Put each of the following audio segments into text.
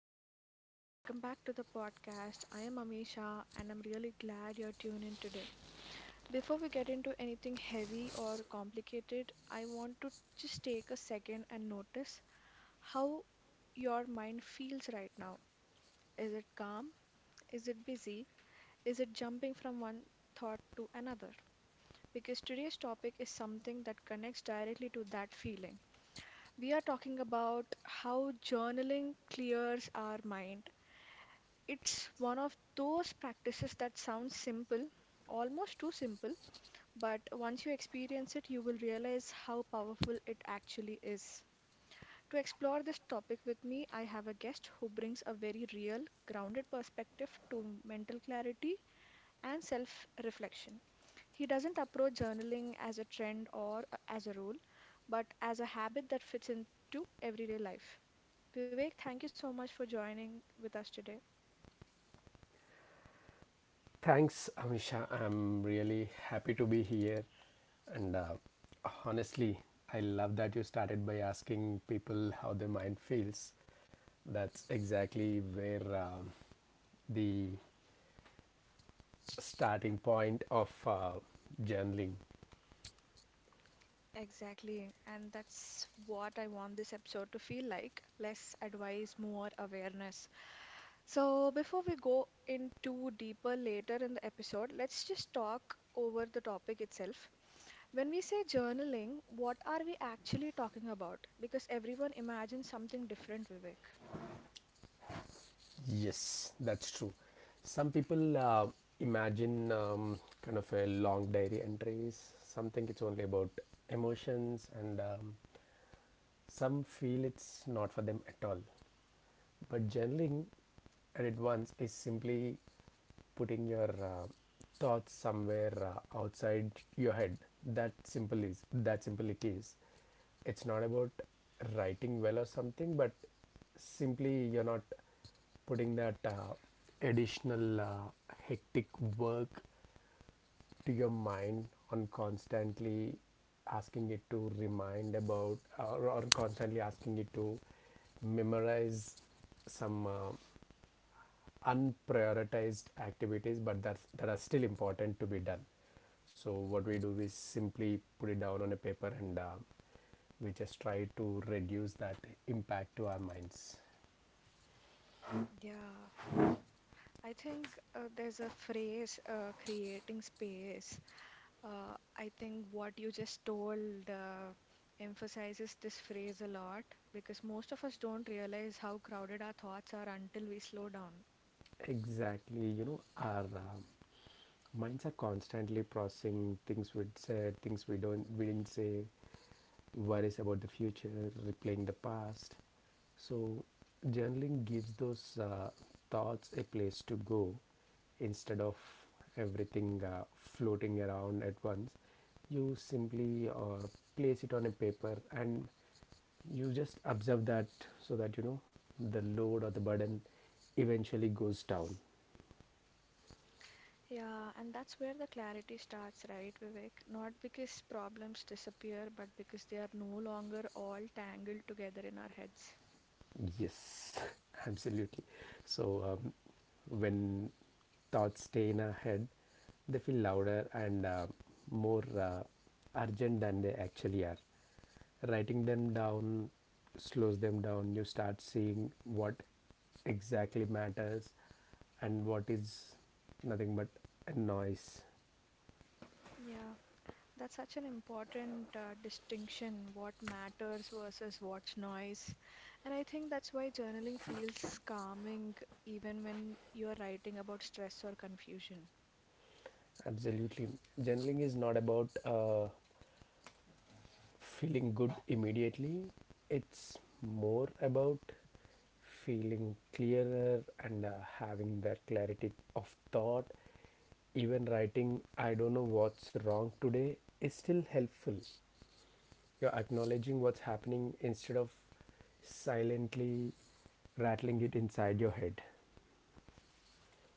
Hello everyone, welcome back to the podcast. I am Amisha and I'm really glad you're tuned in today. Before we get into anything heavy or complicated, I want to just take a second and notice how your mind feels right now. Is it calm? Is it busy? Is it jumping from one thought to another? Because today's topic is something that connects directly to that feeling. We are talking about how journaling clears our mind. It's one of those practices that sounds simple, almost too simple, but once you experience it, you will realize how powerful it actually is. To explore this topic with me, I have a guest who brings a very real, grounded perspective to mental clarity and self reflection. He doesn't approach journaling as a trend as a rule, but as a habit that fits into everyday life. Vivek, thank you so much for joining with us today. Thanks, Amisha. I'm really happy to be here. And honestly, I love that you started by asking people how their mind feels. That's exactly where the starting point of journaling. Exactly, and that's what I want this episode to feel like, less advice, more awareness. So, before we go into deeper later in the episode, let's just talk over the topic itself. When we say journaling, what are we actually talking about? Because everyone imagines something different, Vivek. Yes, that's true. Some people imagine kind of a long diary entries. Some think it's only about emotions, and some feel it's not for them at all. But journaling at it once is simply putting your thoughts somewhere outside your head. That simple is that simple it is. It's not about writing well or something, but simply you're not putting that additional hectic work to your mind on constantly asking it to remind about or constantly asking it to memorize some unprioritized activities but that's that are still important to be done. So what we do is simply put it down on a paper and we just try to reduce that impact to our minds. Yeah. I think there's a phrase, creating space. I think what you just told emphasizes this phrase a lot because most of us don't realize how crowded our thoughts are until we slow down. Exactly. You know, our minds are constantly processing things we said, things we didn't say, worries about the future, replaying the past. So, journaling gives those thoughts a place to go instead of everything floating around at once. You simply place it on a paper and you just observe that, so that you know the load or the burden eventually goes down. Yeah, and that's where the clarity starts, right, Vivek? Not because problems disappear, but because they are no longer all tangled together in our heads. Yes, absolutely. So, when thoughts stay in our head, they feel louder and more urgent than they actually are. Writing them down slows them down. You start seeing what exactly matters and what is nothing but a noise. Yeah, that's such an important distinction, what matters versus what's noise. And I think that's why journaling feels calming even when you're writing about stress or confusion. Absolutely. Journaling is not about feeling good immediately, it's more about feeling clearer and having that clarity of thought. Even writing "I don't know what's wrong today" is still helpful. You're acknowledging what's happening instead of silently rattling it inside your head.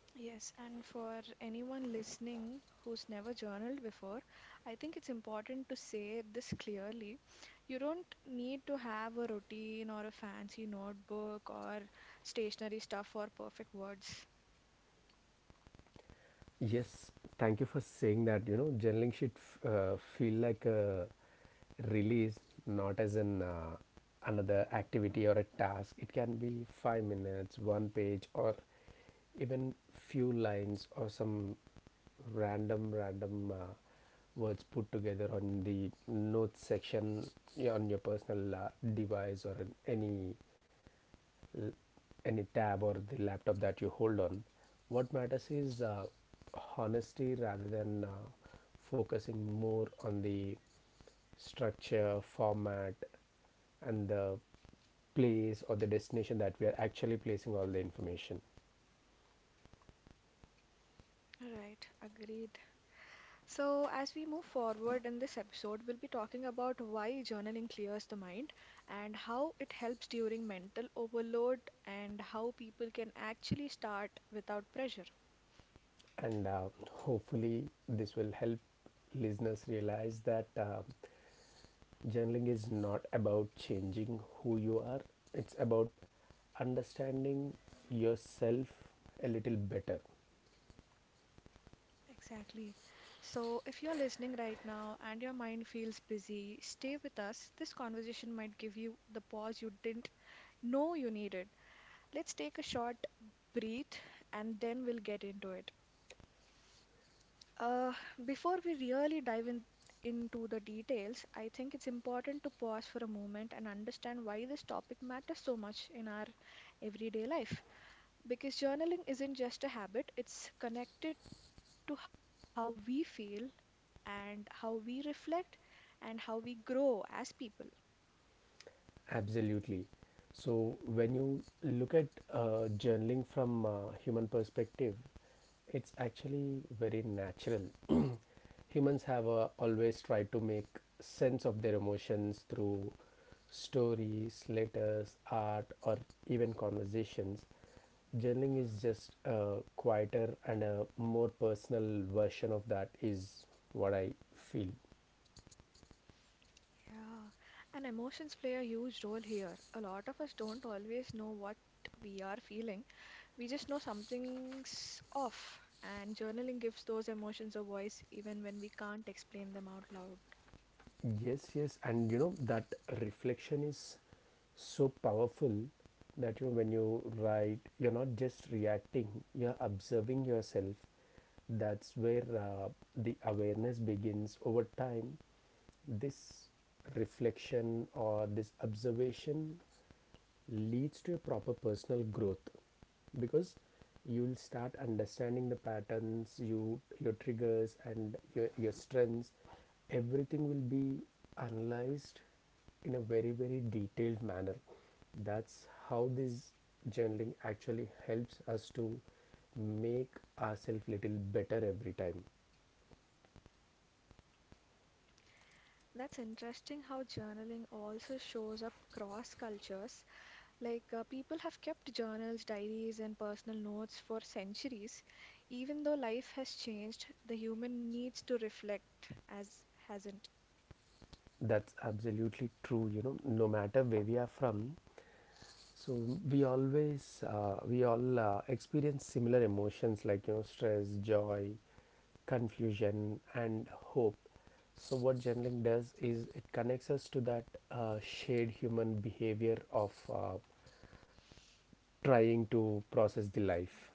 Yes, and for anyone listening who's never journaled before, I think it's important to say this clearly. You don't need to have a routine or a fancy notebook or stationery stuff or perfect words. Yes, thank you for saying that. You know, journaling should feel like a release, not as an another activity or a task. It can be 5 minutes, one page, or even few lines, or some random random words put together on the notes section, yeah, on your personal device or any any tab or the laptop that you hold on. What matters is honesty rather than focusing more on the structure, format, and the place or the destination that we are actually placing all the information. Right, agreed. So, as we move forward in this episode, we'll be talking about why journaling clears the mind and how it helps during mental overload and how people can actually start without pressure. And hopefully this will help listeners realize that journaling is not about changing who you are, it's about understanding yourself a little better. Exactly. So, if you're listening right now and your mind feels busy, stay with us. This conversation might give you the pause you didn't know you needed. Let's take a short breath and then we'll get into it. Uh, Before we really into the details, I think it's important to pause for a moment and understand why this topic matters so much in our everyday life. Because journaling isn't just a habit, it's connected to how we feel and how we reflect and how we grow as people. Absolutely. So, when you look at journaling from a human perspective, it's actually very natural. Humans have always tried to make sense of their emotions through stories, letters, art, or even conversations. Journaling is just a quieter and a more personal version of that, is what I feel. Yeah, and emotions play a huge role here. A lot of us don't always know what we are feeling. We just know something's off, and journaling gives those emotions a voice even when we can't explain them out loud. Yes, yes, and you know that reflection is so powerful, that you know, when you write, you're not just reacting, you're observing yourself. That's where the awareness begins. Over time, this reflection or this observation leads to a proper personal growth, because you'll start understanding the patterns, you your triggers, and your strengths. Everything will be analyzed in a very very detailed manner. That's how this journaling actually helps us to make ourselves little better every time. That's interesting how journaling also shows up across cultures. Like, people have kept journals, diaries, and personal notes for centuries. Even though life has changed, the human needs to reflect, as hasn't. That's absolutely true. You know, no matter where we are from, so we all experience similar emotions, like you know, stress, joy, confusion, and hope. So what journaling does is it connects us to that shared human behavior of trying to process the life.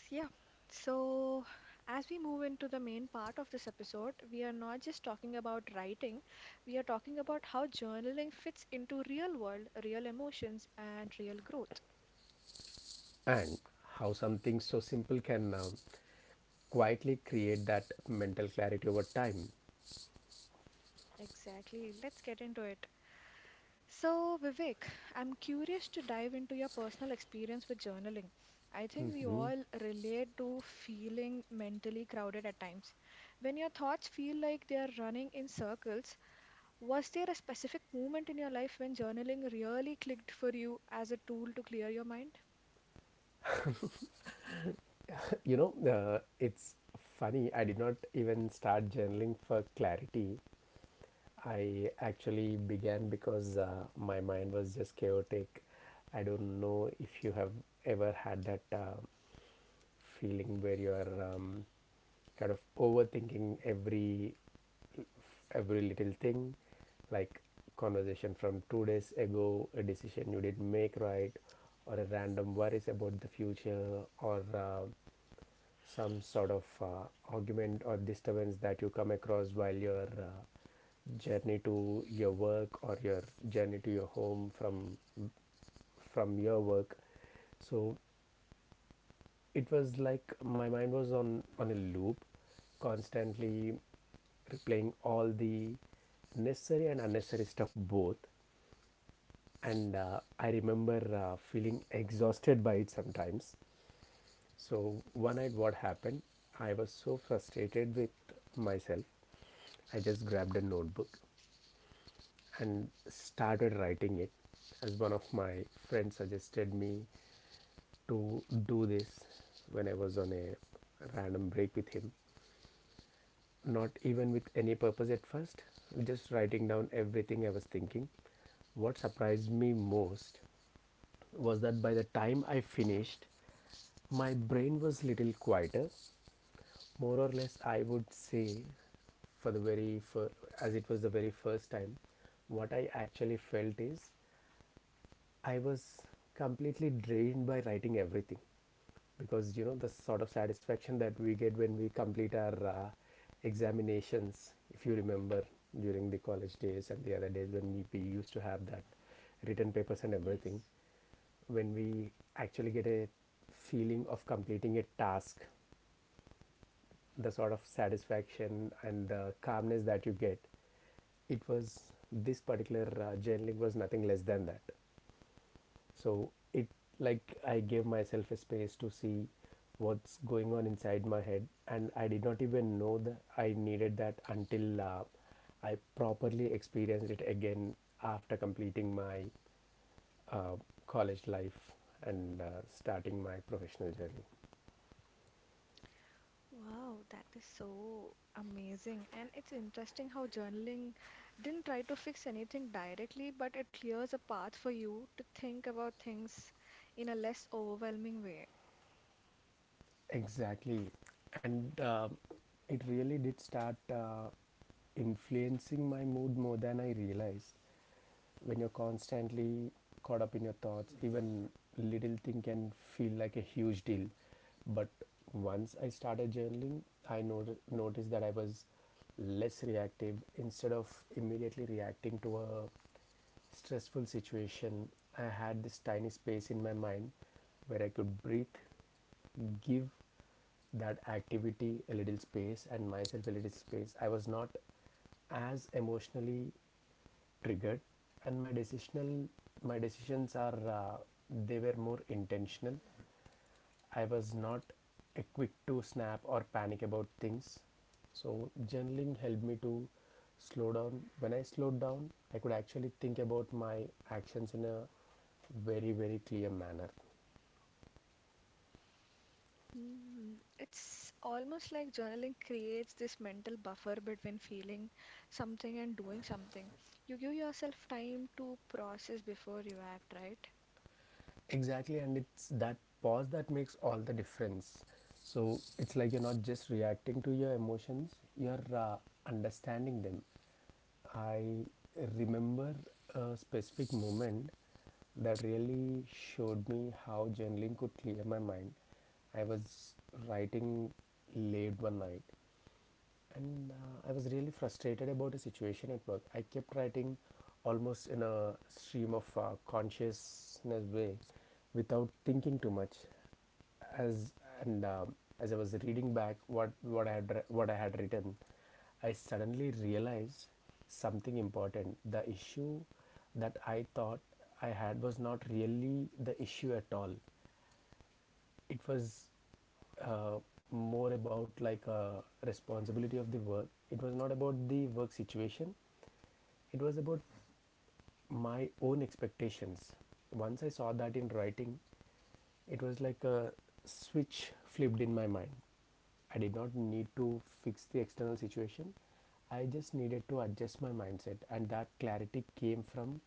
Yeah, so as we move into the main part of this episode, we are not just talking about writing, we are talking about how journaling fits into real world, real emotions, and real growth. And how something so simple can quietly create that mental clarity over time. Exactly, let's get into it. So, Vivek, I'm curious to dive into your personal experience with journaling. I think we Mhm. all relate to feeling mentally crowded at times. When your thoughts feel like they are running in circles, was there a specific moment in your life when journaling really clicked for you as a tool to clear your mind? You know, it's funny. I did not even start journaling for clarity. I actually began because my mind was just chaotic. I don't know if you have ever had that feeling where you are kind of overthinking every little thing, like conversation from 2 days ago, a decision you didn't make right, or a random worries about the future, or some sort of argument or disturbance that you come across while your journey to your work or your journey to your home from your work. So it was like my mind was on a loop, constantly replaying all the necessary and unnecessary stuff both. And I remember feeling exhausted by it sometimes. So one night, what happened? I was so frustrated with myself. I just grabbed a notebook and started writing it, as one of my friends suggested me to do this when I was on a random break with him. Not even with any purpose at first, just writing down everything I was thinking. What surprised me most was that by the time I finished, my brain was little quieter, more or less I would say. For the very fir- As it was the very first time, what I actually felt is I was completely drained by writing everything, because you know the sort of satisfaction that we get when we complete our examinations, if you remember during the college days and the other days when we used to have that written papers and Yes. everything. When we actually get a feeling of completing a task, the sort of satisfaction and the calmness that you get, it was this particular journaling was nothing less than that. So it, like, I gave myself a space to see what's going on inside my head, and I did not even know that I needed that until I properly experienced it again after completing my uh, college life and starting my professional journey. Wow, that is so amazing. And it's interesting how journaling didn't try to fix anything directly, but it clears a path for you to think about things in a less overwhelming way. Exactly. And it really did start influencing my mood more than I realized. When you're constantly caught up in your thoughts, even little thing can feel like a huge deal. But once I started journaling, I not noticed that I was less reactive. Instead of immediately reacting to a stressful situation, I had this tiny space in my mind where I could breathe, give that activity a little space and myself a little space. I was not as emotionally triggered, and my decisions are they were more intentional. I was not quick to snap or panic about things. So journaling helped me to slow down. When I slowed down, I could actually think about my actions in a very very clear manner. Mm, it's almost like journaling creates this mental buffer between feeling something and doing something. You give yourself time to process before you act, right? Exactly, and it's that pause that makes all the difference. So it's like you're not just reacting to your emotions, you're understanding them. I remember a specific moment that really showed me how journaling could clear my mind. I was writing late one night, and I was really frustrated about a situation at work. I kept writing almost in a stream of consciousness way, without thinking too much. as and um, as I was reading back what I had written, I suddenly realized something important. The issue that I thought I had was not really the issue at all. It was uh, more about, like, a responsibility of the work. It was not about the work situation, it was about my own expectations. Once I saw that in writing, it was like a switch flipped in my mind. I did not need to fix the external situation, I just needed to adjust my mindset, and that clarity came from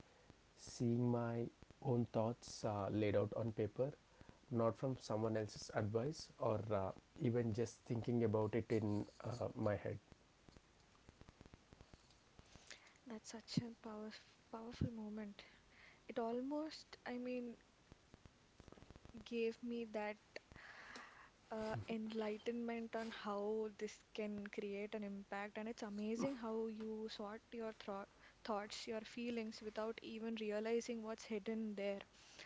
seeing my own thoughts laid out on paper, not from someone else's advice or even just thinking about it in my head. That's such a powerful moment. It almost, I mean, gave me that enlightenment on how this can create an impact. And it's amazing how you sort your thro thoughts, your feelings without even realizing what's hidden there,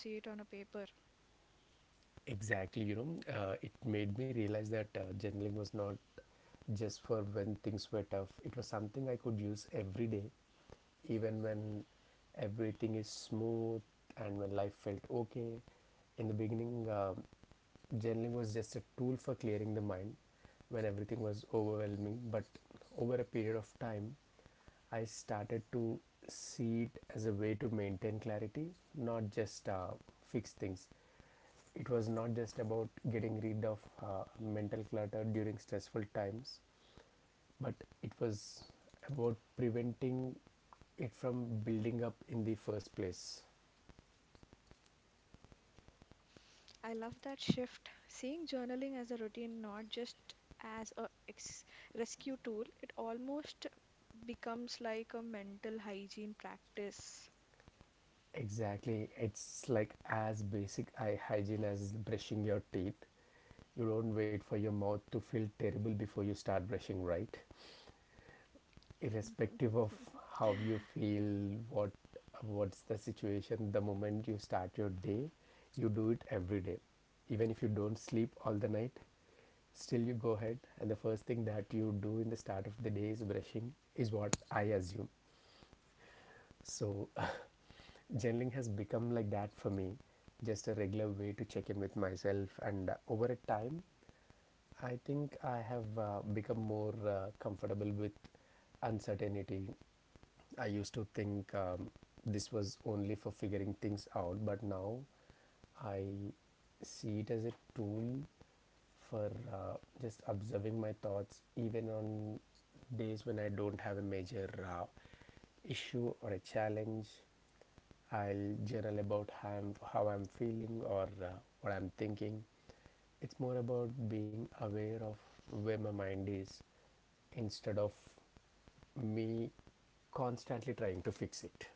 until you see it on a paper. Exactly. You know, it made me realize that journaling was not just for when things were tough, it was something I could use every day, even when everything is smooth and when life felt okay. In the beginning, journaling was just a tool for clearing the mind when everything was overwhelming. But over a period of time, I started to see it as a way to maintain clarity, not just fix things. It was not just about getting rid of uh, mental clutter during stressful times, but it was about preventing it from building up in the first place. I love that shift. Seeing journaling as a routine, not just as a ex- rescue tool, it almost becomes like a mental hygiene practice. Exactly. It's like as basic eye hygiene as brushing your teeth. You don't wait for your mouth to feel terrible before you start brushing, right? Irrespective of how you feel, what what's the situation, the moment you start your day, you do it every day. Even if you don't sleep all the night, still, you go ahead, and the first thing that you do in the start of the day is brushing, is what I assume. So, journaling has become like that for me, just a regular way to check in with myself. And Over a time, I think I have become more comfortable with uncertainty. I used to think this was only for figuring things out, but now I see it as a tool for just observing my thoughts, even on days when I don't have a major issue or a challenge. I'll journal about how I'm feeling or what I'm thinking. It's more about being aware of where my mind is instead of me constantly trying to fix it.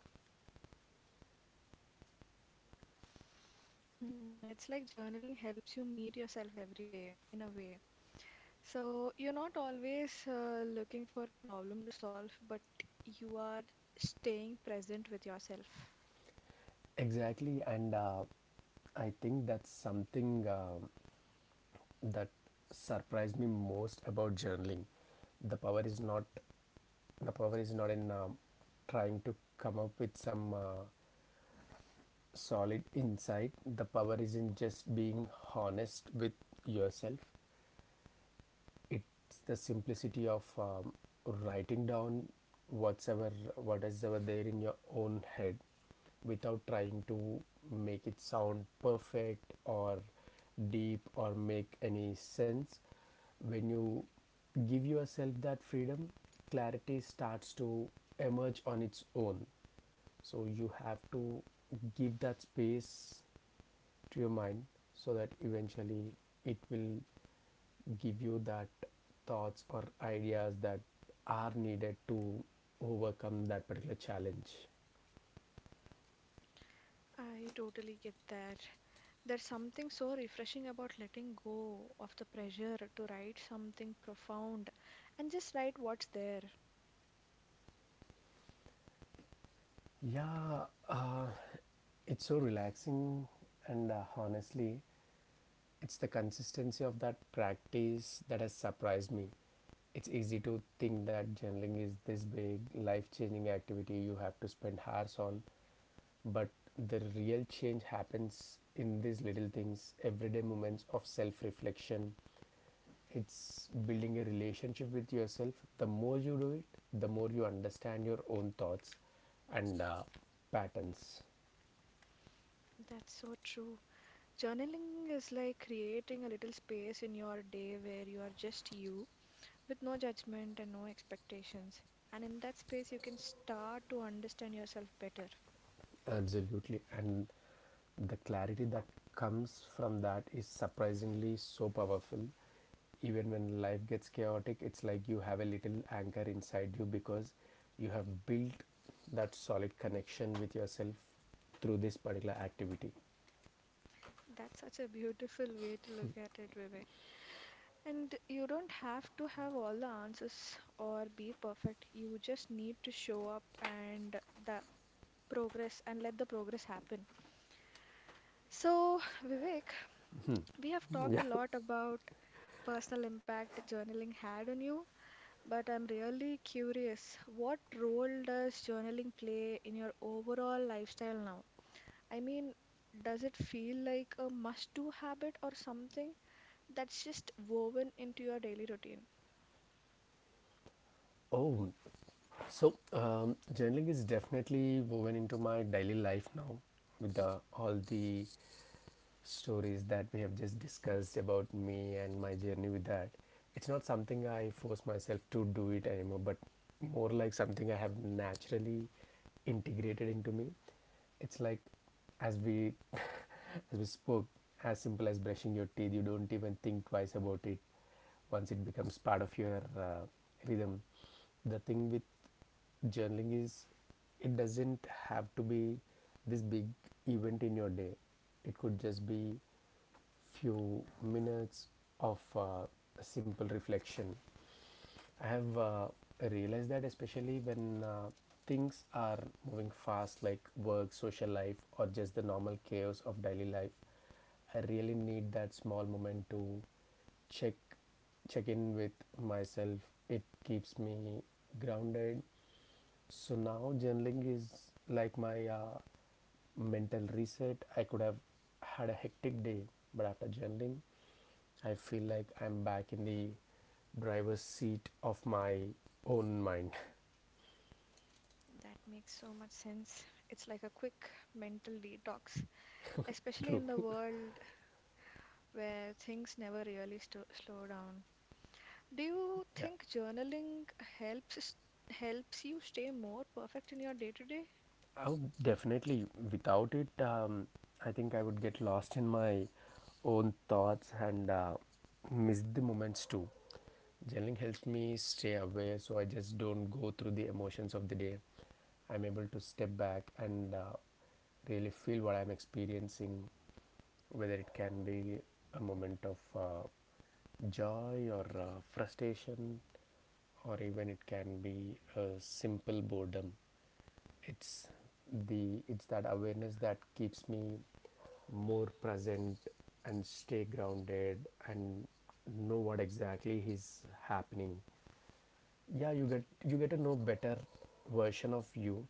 Hmm, it's like journaling helps you meet yourself every day in a way. So you're not always looking for a problem to solve, but you are staying present with yourself. Exactly, and I think that's something that surprised me most about journaling. The power is not the power is not in trying to come up with some solid insight. The power is in just being honest with yourself. It's the simplicity of writing down whatever what is ever there in your own head without trying to make it sound perfect or deep or make any sense. When you give yourself that freedom, clarity starts to emerge on its own. So you have to give that space to your mind so that eventually it will give you that thoughts or ideas that are needed to overcome that particular challenge. I totally get that. There's something so refreshing about letting go of the pressure to write something profound and just write what's there. Yeah, it's so relaxing, and honestly, it's the consistency of that practice that has surprised me. It's easy to think that journaling is this big life changing activity you have to spend hours on, but the real change happens in these little things, everyday moments of self reflection. It's building a relationship with yourself. The more you do it, the more you understand your own thoughts and patterns. That's so true. Journaling is like creating a little space in your day where you are just you, with no judgment and no expectations. And in that space, you can start to understand yourself better. Absolutely, and the clarity that comes from that is surprisingly so powerful. Even when life gets chaotic, it's like you have a little anchor inside you because you have built that solid connection with yourself through this particular activity. That's such a beautiful way to look at it, Vivek. And you don't have to have all the answers or be perfect. You just need to show up and the progress and let the progress happen. So, Vivek, Hmm. we have talked Yeah. a lot about personal impact journaling had on you, but I'm really curious, what role does journaling play in your overall lifestyle now? I mean, does it feel like a must-do habit or something that's just woven into your daily routine? Oh, so journaling is definitely woven into my daily life now. With all the stories that we have just discussed about me and my journey with that, it's not something I force myself to do it anymore, but more like something I have naturally integrated into me. It's like, as we as we spoke, as simple as brushing your teeth, you don't even think twice about it once it becomes part of your rhythm. The thing with journaling is it doesn't have to be this big event in your day. It could just be few minutes of simple reflection. I have realized that especially when things are moving fast, like work, social life, or just the normal chaos of daily life, I really need that small moment to check check in with myself. It keeps me grounded. So now journaling is like my mental reset. I could have had a hectic day, but after journaling, I feel like I'm back in the driver's seat of my own mind. That makes so much sense. It's like a quick mental detox, especially True. in the world where things never really slow down. Do you Yeah. think journaling helps s- helps you stay more perfect in your day-to-day? I would definitely, without it, I think I would get lost in my own thoughts and miss the moments too. Journaling helps me stay aware, so I just don't go through the emotions of the day. I'm able to step back and really feel what I'm experiencing, whether it can be a moment of joy or frustration, or even it can be a simple boredom. it's it's that awareness that keeps me more present and stay grounded and know what exactly is happening. Yeah, you get to know better version of you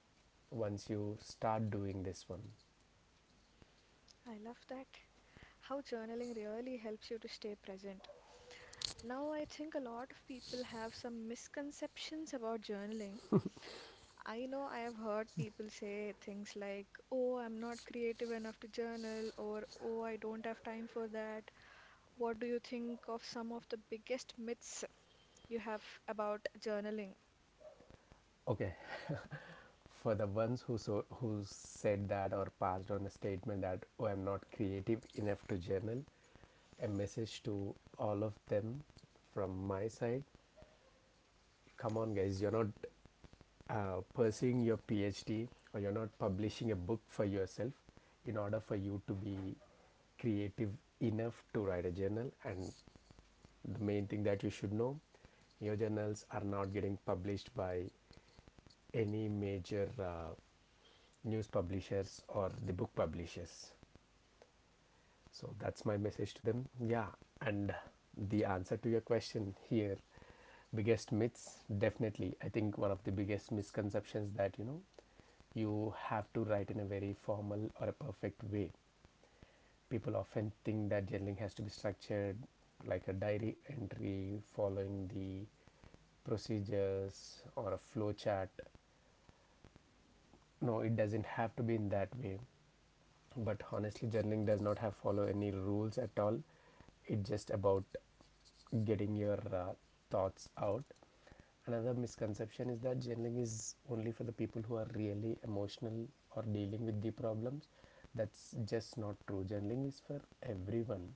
once you start doing this one. I love that. How journaling really helps you to stay present. Now, I think a lot of people have some misconceptions about journaling. I know I have heard people say things like, oh, I'm not creative enough to journal, or oh, I don't have time for that. What do you think of some of the biggest myths you have about journaling? Okay, for the ones who said that or passed on a statement that, oh, I'm not creative enough to journal, a message to all of them from my side: come on guys, you're not pursuing your PhD or you're not publishing a book for yourself in order for you to be creative enough to write a journal. And the main thing that you should know, your journals are not getting published by any major news publishers or the book publishers. So that's my message to them. Yeah, and the answer to your question here, biggest myths, definitely I think one of the biggest misconceptions that, you know, you have to write in a very formal or a perfect way. People often think that journaling has to be structured, like a diary entry following the procedures or a flow chart. No, it doesn't have to be in that way. But honestly, journaling does not have follow any rules at all. It's just about getting your thoughts out. Another misconception is that journaling is only for the people who are really emotional or dealing with the problems. That's just not true. Journaling is for everyone.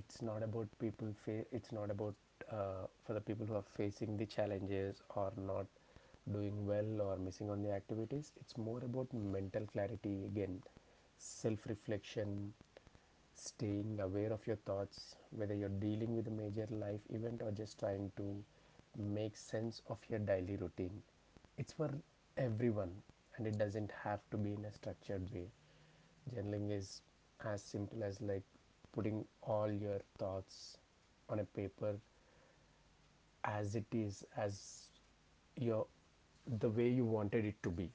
It's not about for the people who are facing the challenges or not doing well or missing on the activities. It's more about mental clarity, again, self reflection, staying aware of your thoughts, whether you're dealing with a major life event or just trying to make sense of your daily routine. It's for everyone, and it doesn't have to be in a structured way. Journaling is as simple as like putting all your thoughts on a paper as it is, as your the way you wanted it to be.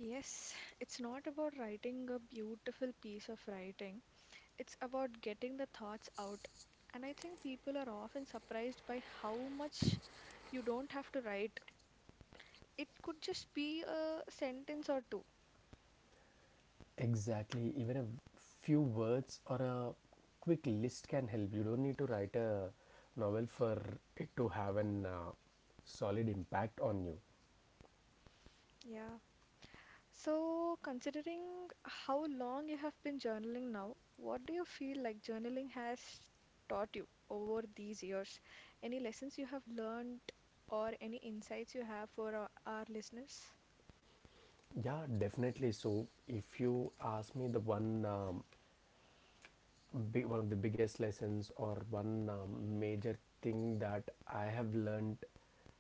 Yes, it's not about writing a beautiful piece of writing, it's about getting the thoughts out. And I think people are often surprised by how much you don't have to write. It could just be a sentence or two. Exactly. Even a few words or a quick list can help. You don't need to write a novel for it to have an solid impact on you. Yeah, so, considering how long you have been journaling now, what do you feel like journaling has taught you over these years? Any lessons you have learned or any insights you have for our listeners? Yeah, definitely. So, if you ask me the one big, one of the biggest lessons or one major thing that I have learned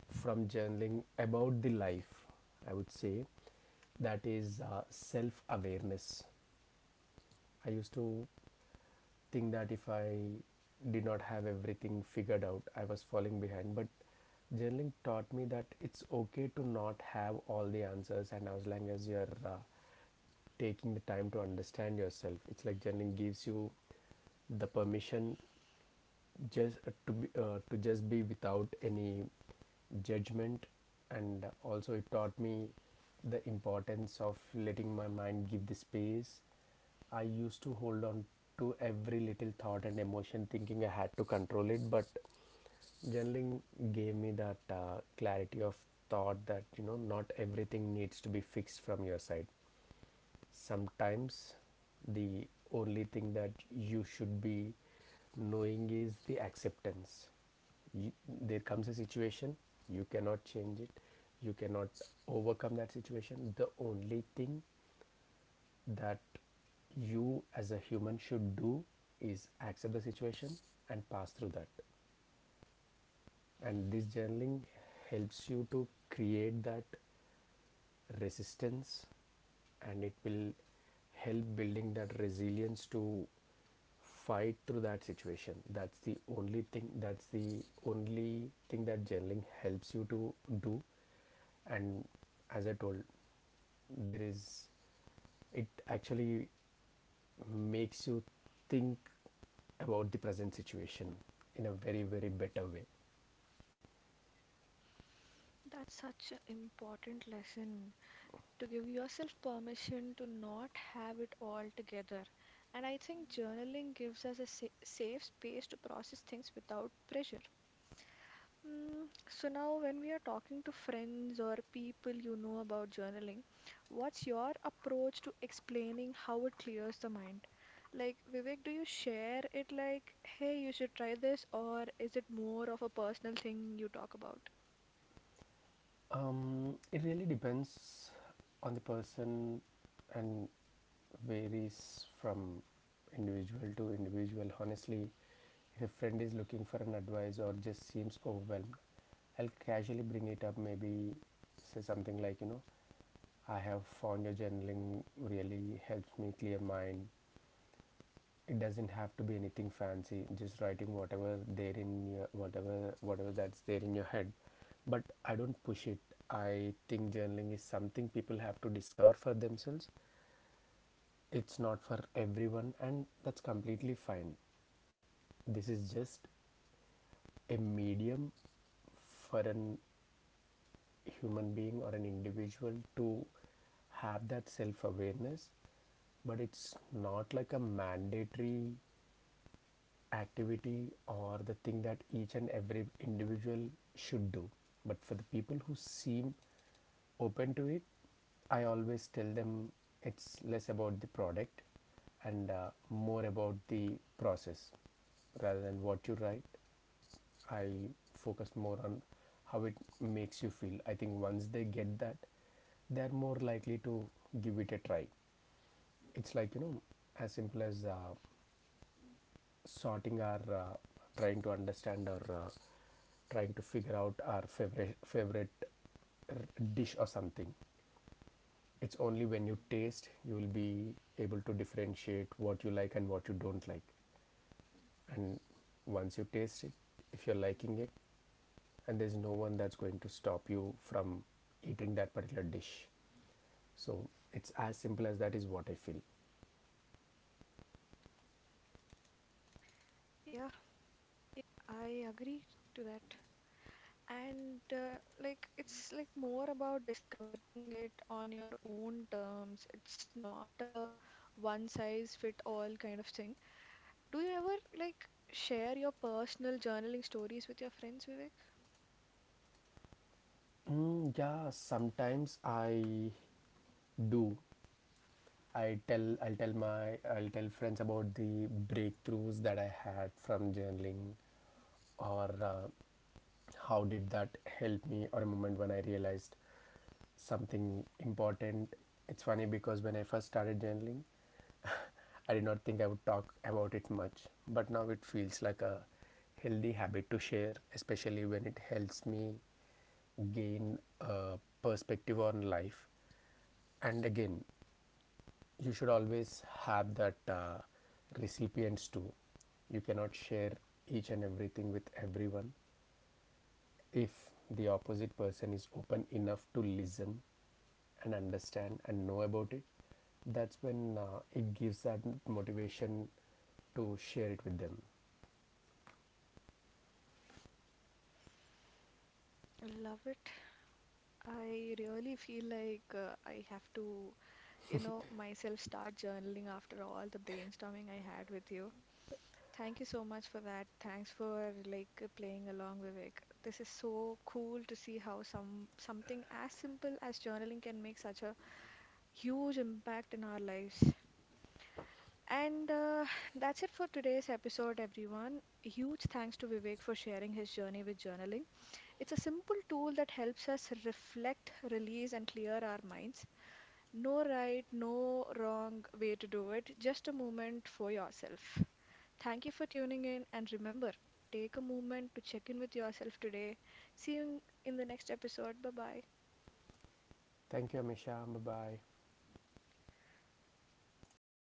from journaling about the life, I would say, that is self awareness. I used to think that if I did not have everything figured out, I was falling behind. But journaling taught me that it's okay to not have all the answers, and as long as you're taking the time to understand yourself, it's like journaling gives you the permission just to just be without any judgment. And also it taught me the importance of letting my mind give the space. I used to hold on to every little thought and emotion thinking I had to control it, but journaling gave me that clarity of thought that, you know, not everything needs to be fixed from your side. Sometimes the only thing that you should be knowing is the acceptance. You, there comes a situation you cannot change it, you cannot overcome that situation. The only thing that you as a human should do is accept the situation and pass through that. And this journaling helps you to create that resistance, and it will help building that resilience to fight through that situation. That's the only thing that journaling helps you to do. And as I told, there is, it actually makes you think about the present situation in a very very better way. That's such an important lesson to give yourself permission to not have it all together. And I think journaling gives us a sa safe space to process things without pressure. Mm, so now, when we are talking to friends or people you know about journaling, what's your approach to explaining how it clears the mind? Like, Vivek, do you share it like, hey, you should try this, or is it more of a personal thing you talk about? It really depends on the person, and varies from individual to individual honestly. If a friend is looking for an advice or just seems overwhelmed, I'll casually bring it up, maybe say something like, you know, I have found your journaling really helps me clear mind. It doesn't have to be anything fancy, just writing whatever that's there in your head. But I don't push it. I think journaling is something people have to discover for themselves. It's not for everyone, and that's completely fine. This is just a medium for an human being or an individual to have that self awareness, but it's not like a mandatory activity or the thing that each and every individual should do. But for the people who seem open to it, I always tell them it's less about the product and more about the process. Rather than what you write, I focused more on how it makes you feel. I think once they get that, they're more likely to give it a try. It's like, you know, as simple as sorting our trying to understand or trying to figure out our favorite dish or something. It's only when you taste you will be able to differentiate what you like and what you don't like. And once you taste it, if you're liking it, and there's no one that's going to stop you from eating that particular dish. So it's as simple as that is what I feel. Yeah, I agree to that. And like it's like more about discovering it on your own terms. It's not a one size fit all kind of thing. Do you ever like share your personal journaling stories with your friends, Vivek? Mm, yeah, sometimes I do. I tell i'll tell my i'll tell friends about the breakthroughs that I had from journaling or how did that help me or a moment when I realized something important. It's funny because when I first started journaling I did not think I would talk about it much, but now it feels like a healthy habit to share, especially when it helps me gain a perspective on life. And again, you should always have that recipients too. You cannot share each and everything with everyone. If the opposite person is open enough to listen and understand and know about it, that's when it gives that motivation to share it with them. I love it. I really feel like I have to, you know, myself start journaling after all the brainstorming I had with you. Thank you so much for that. Thanks for like playing along, Vivek. This is so cool to see how something as simple as journaling can make such a huge impact in our lives. And that's it for today's episode, everyone. Huge thanks to Vivek for sharing his journey with journaling. It's a simple tool that helps us reflect, release, and clear our minds. No right, no wrong way to do it, just a moment for yourself. Thank you for tuning in and remember, take a moment to check in with yourself today. See you in the next episode. Bye bye. Thank you Amisha, bye bye.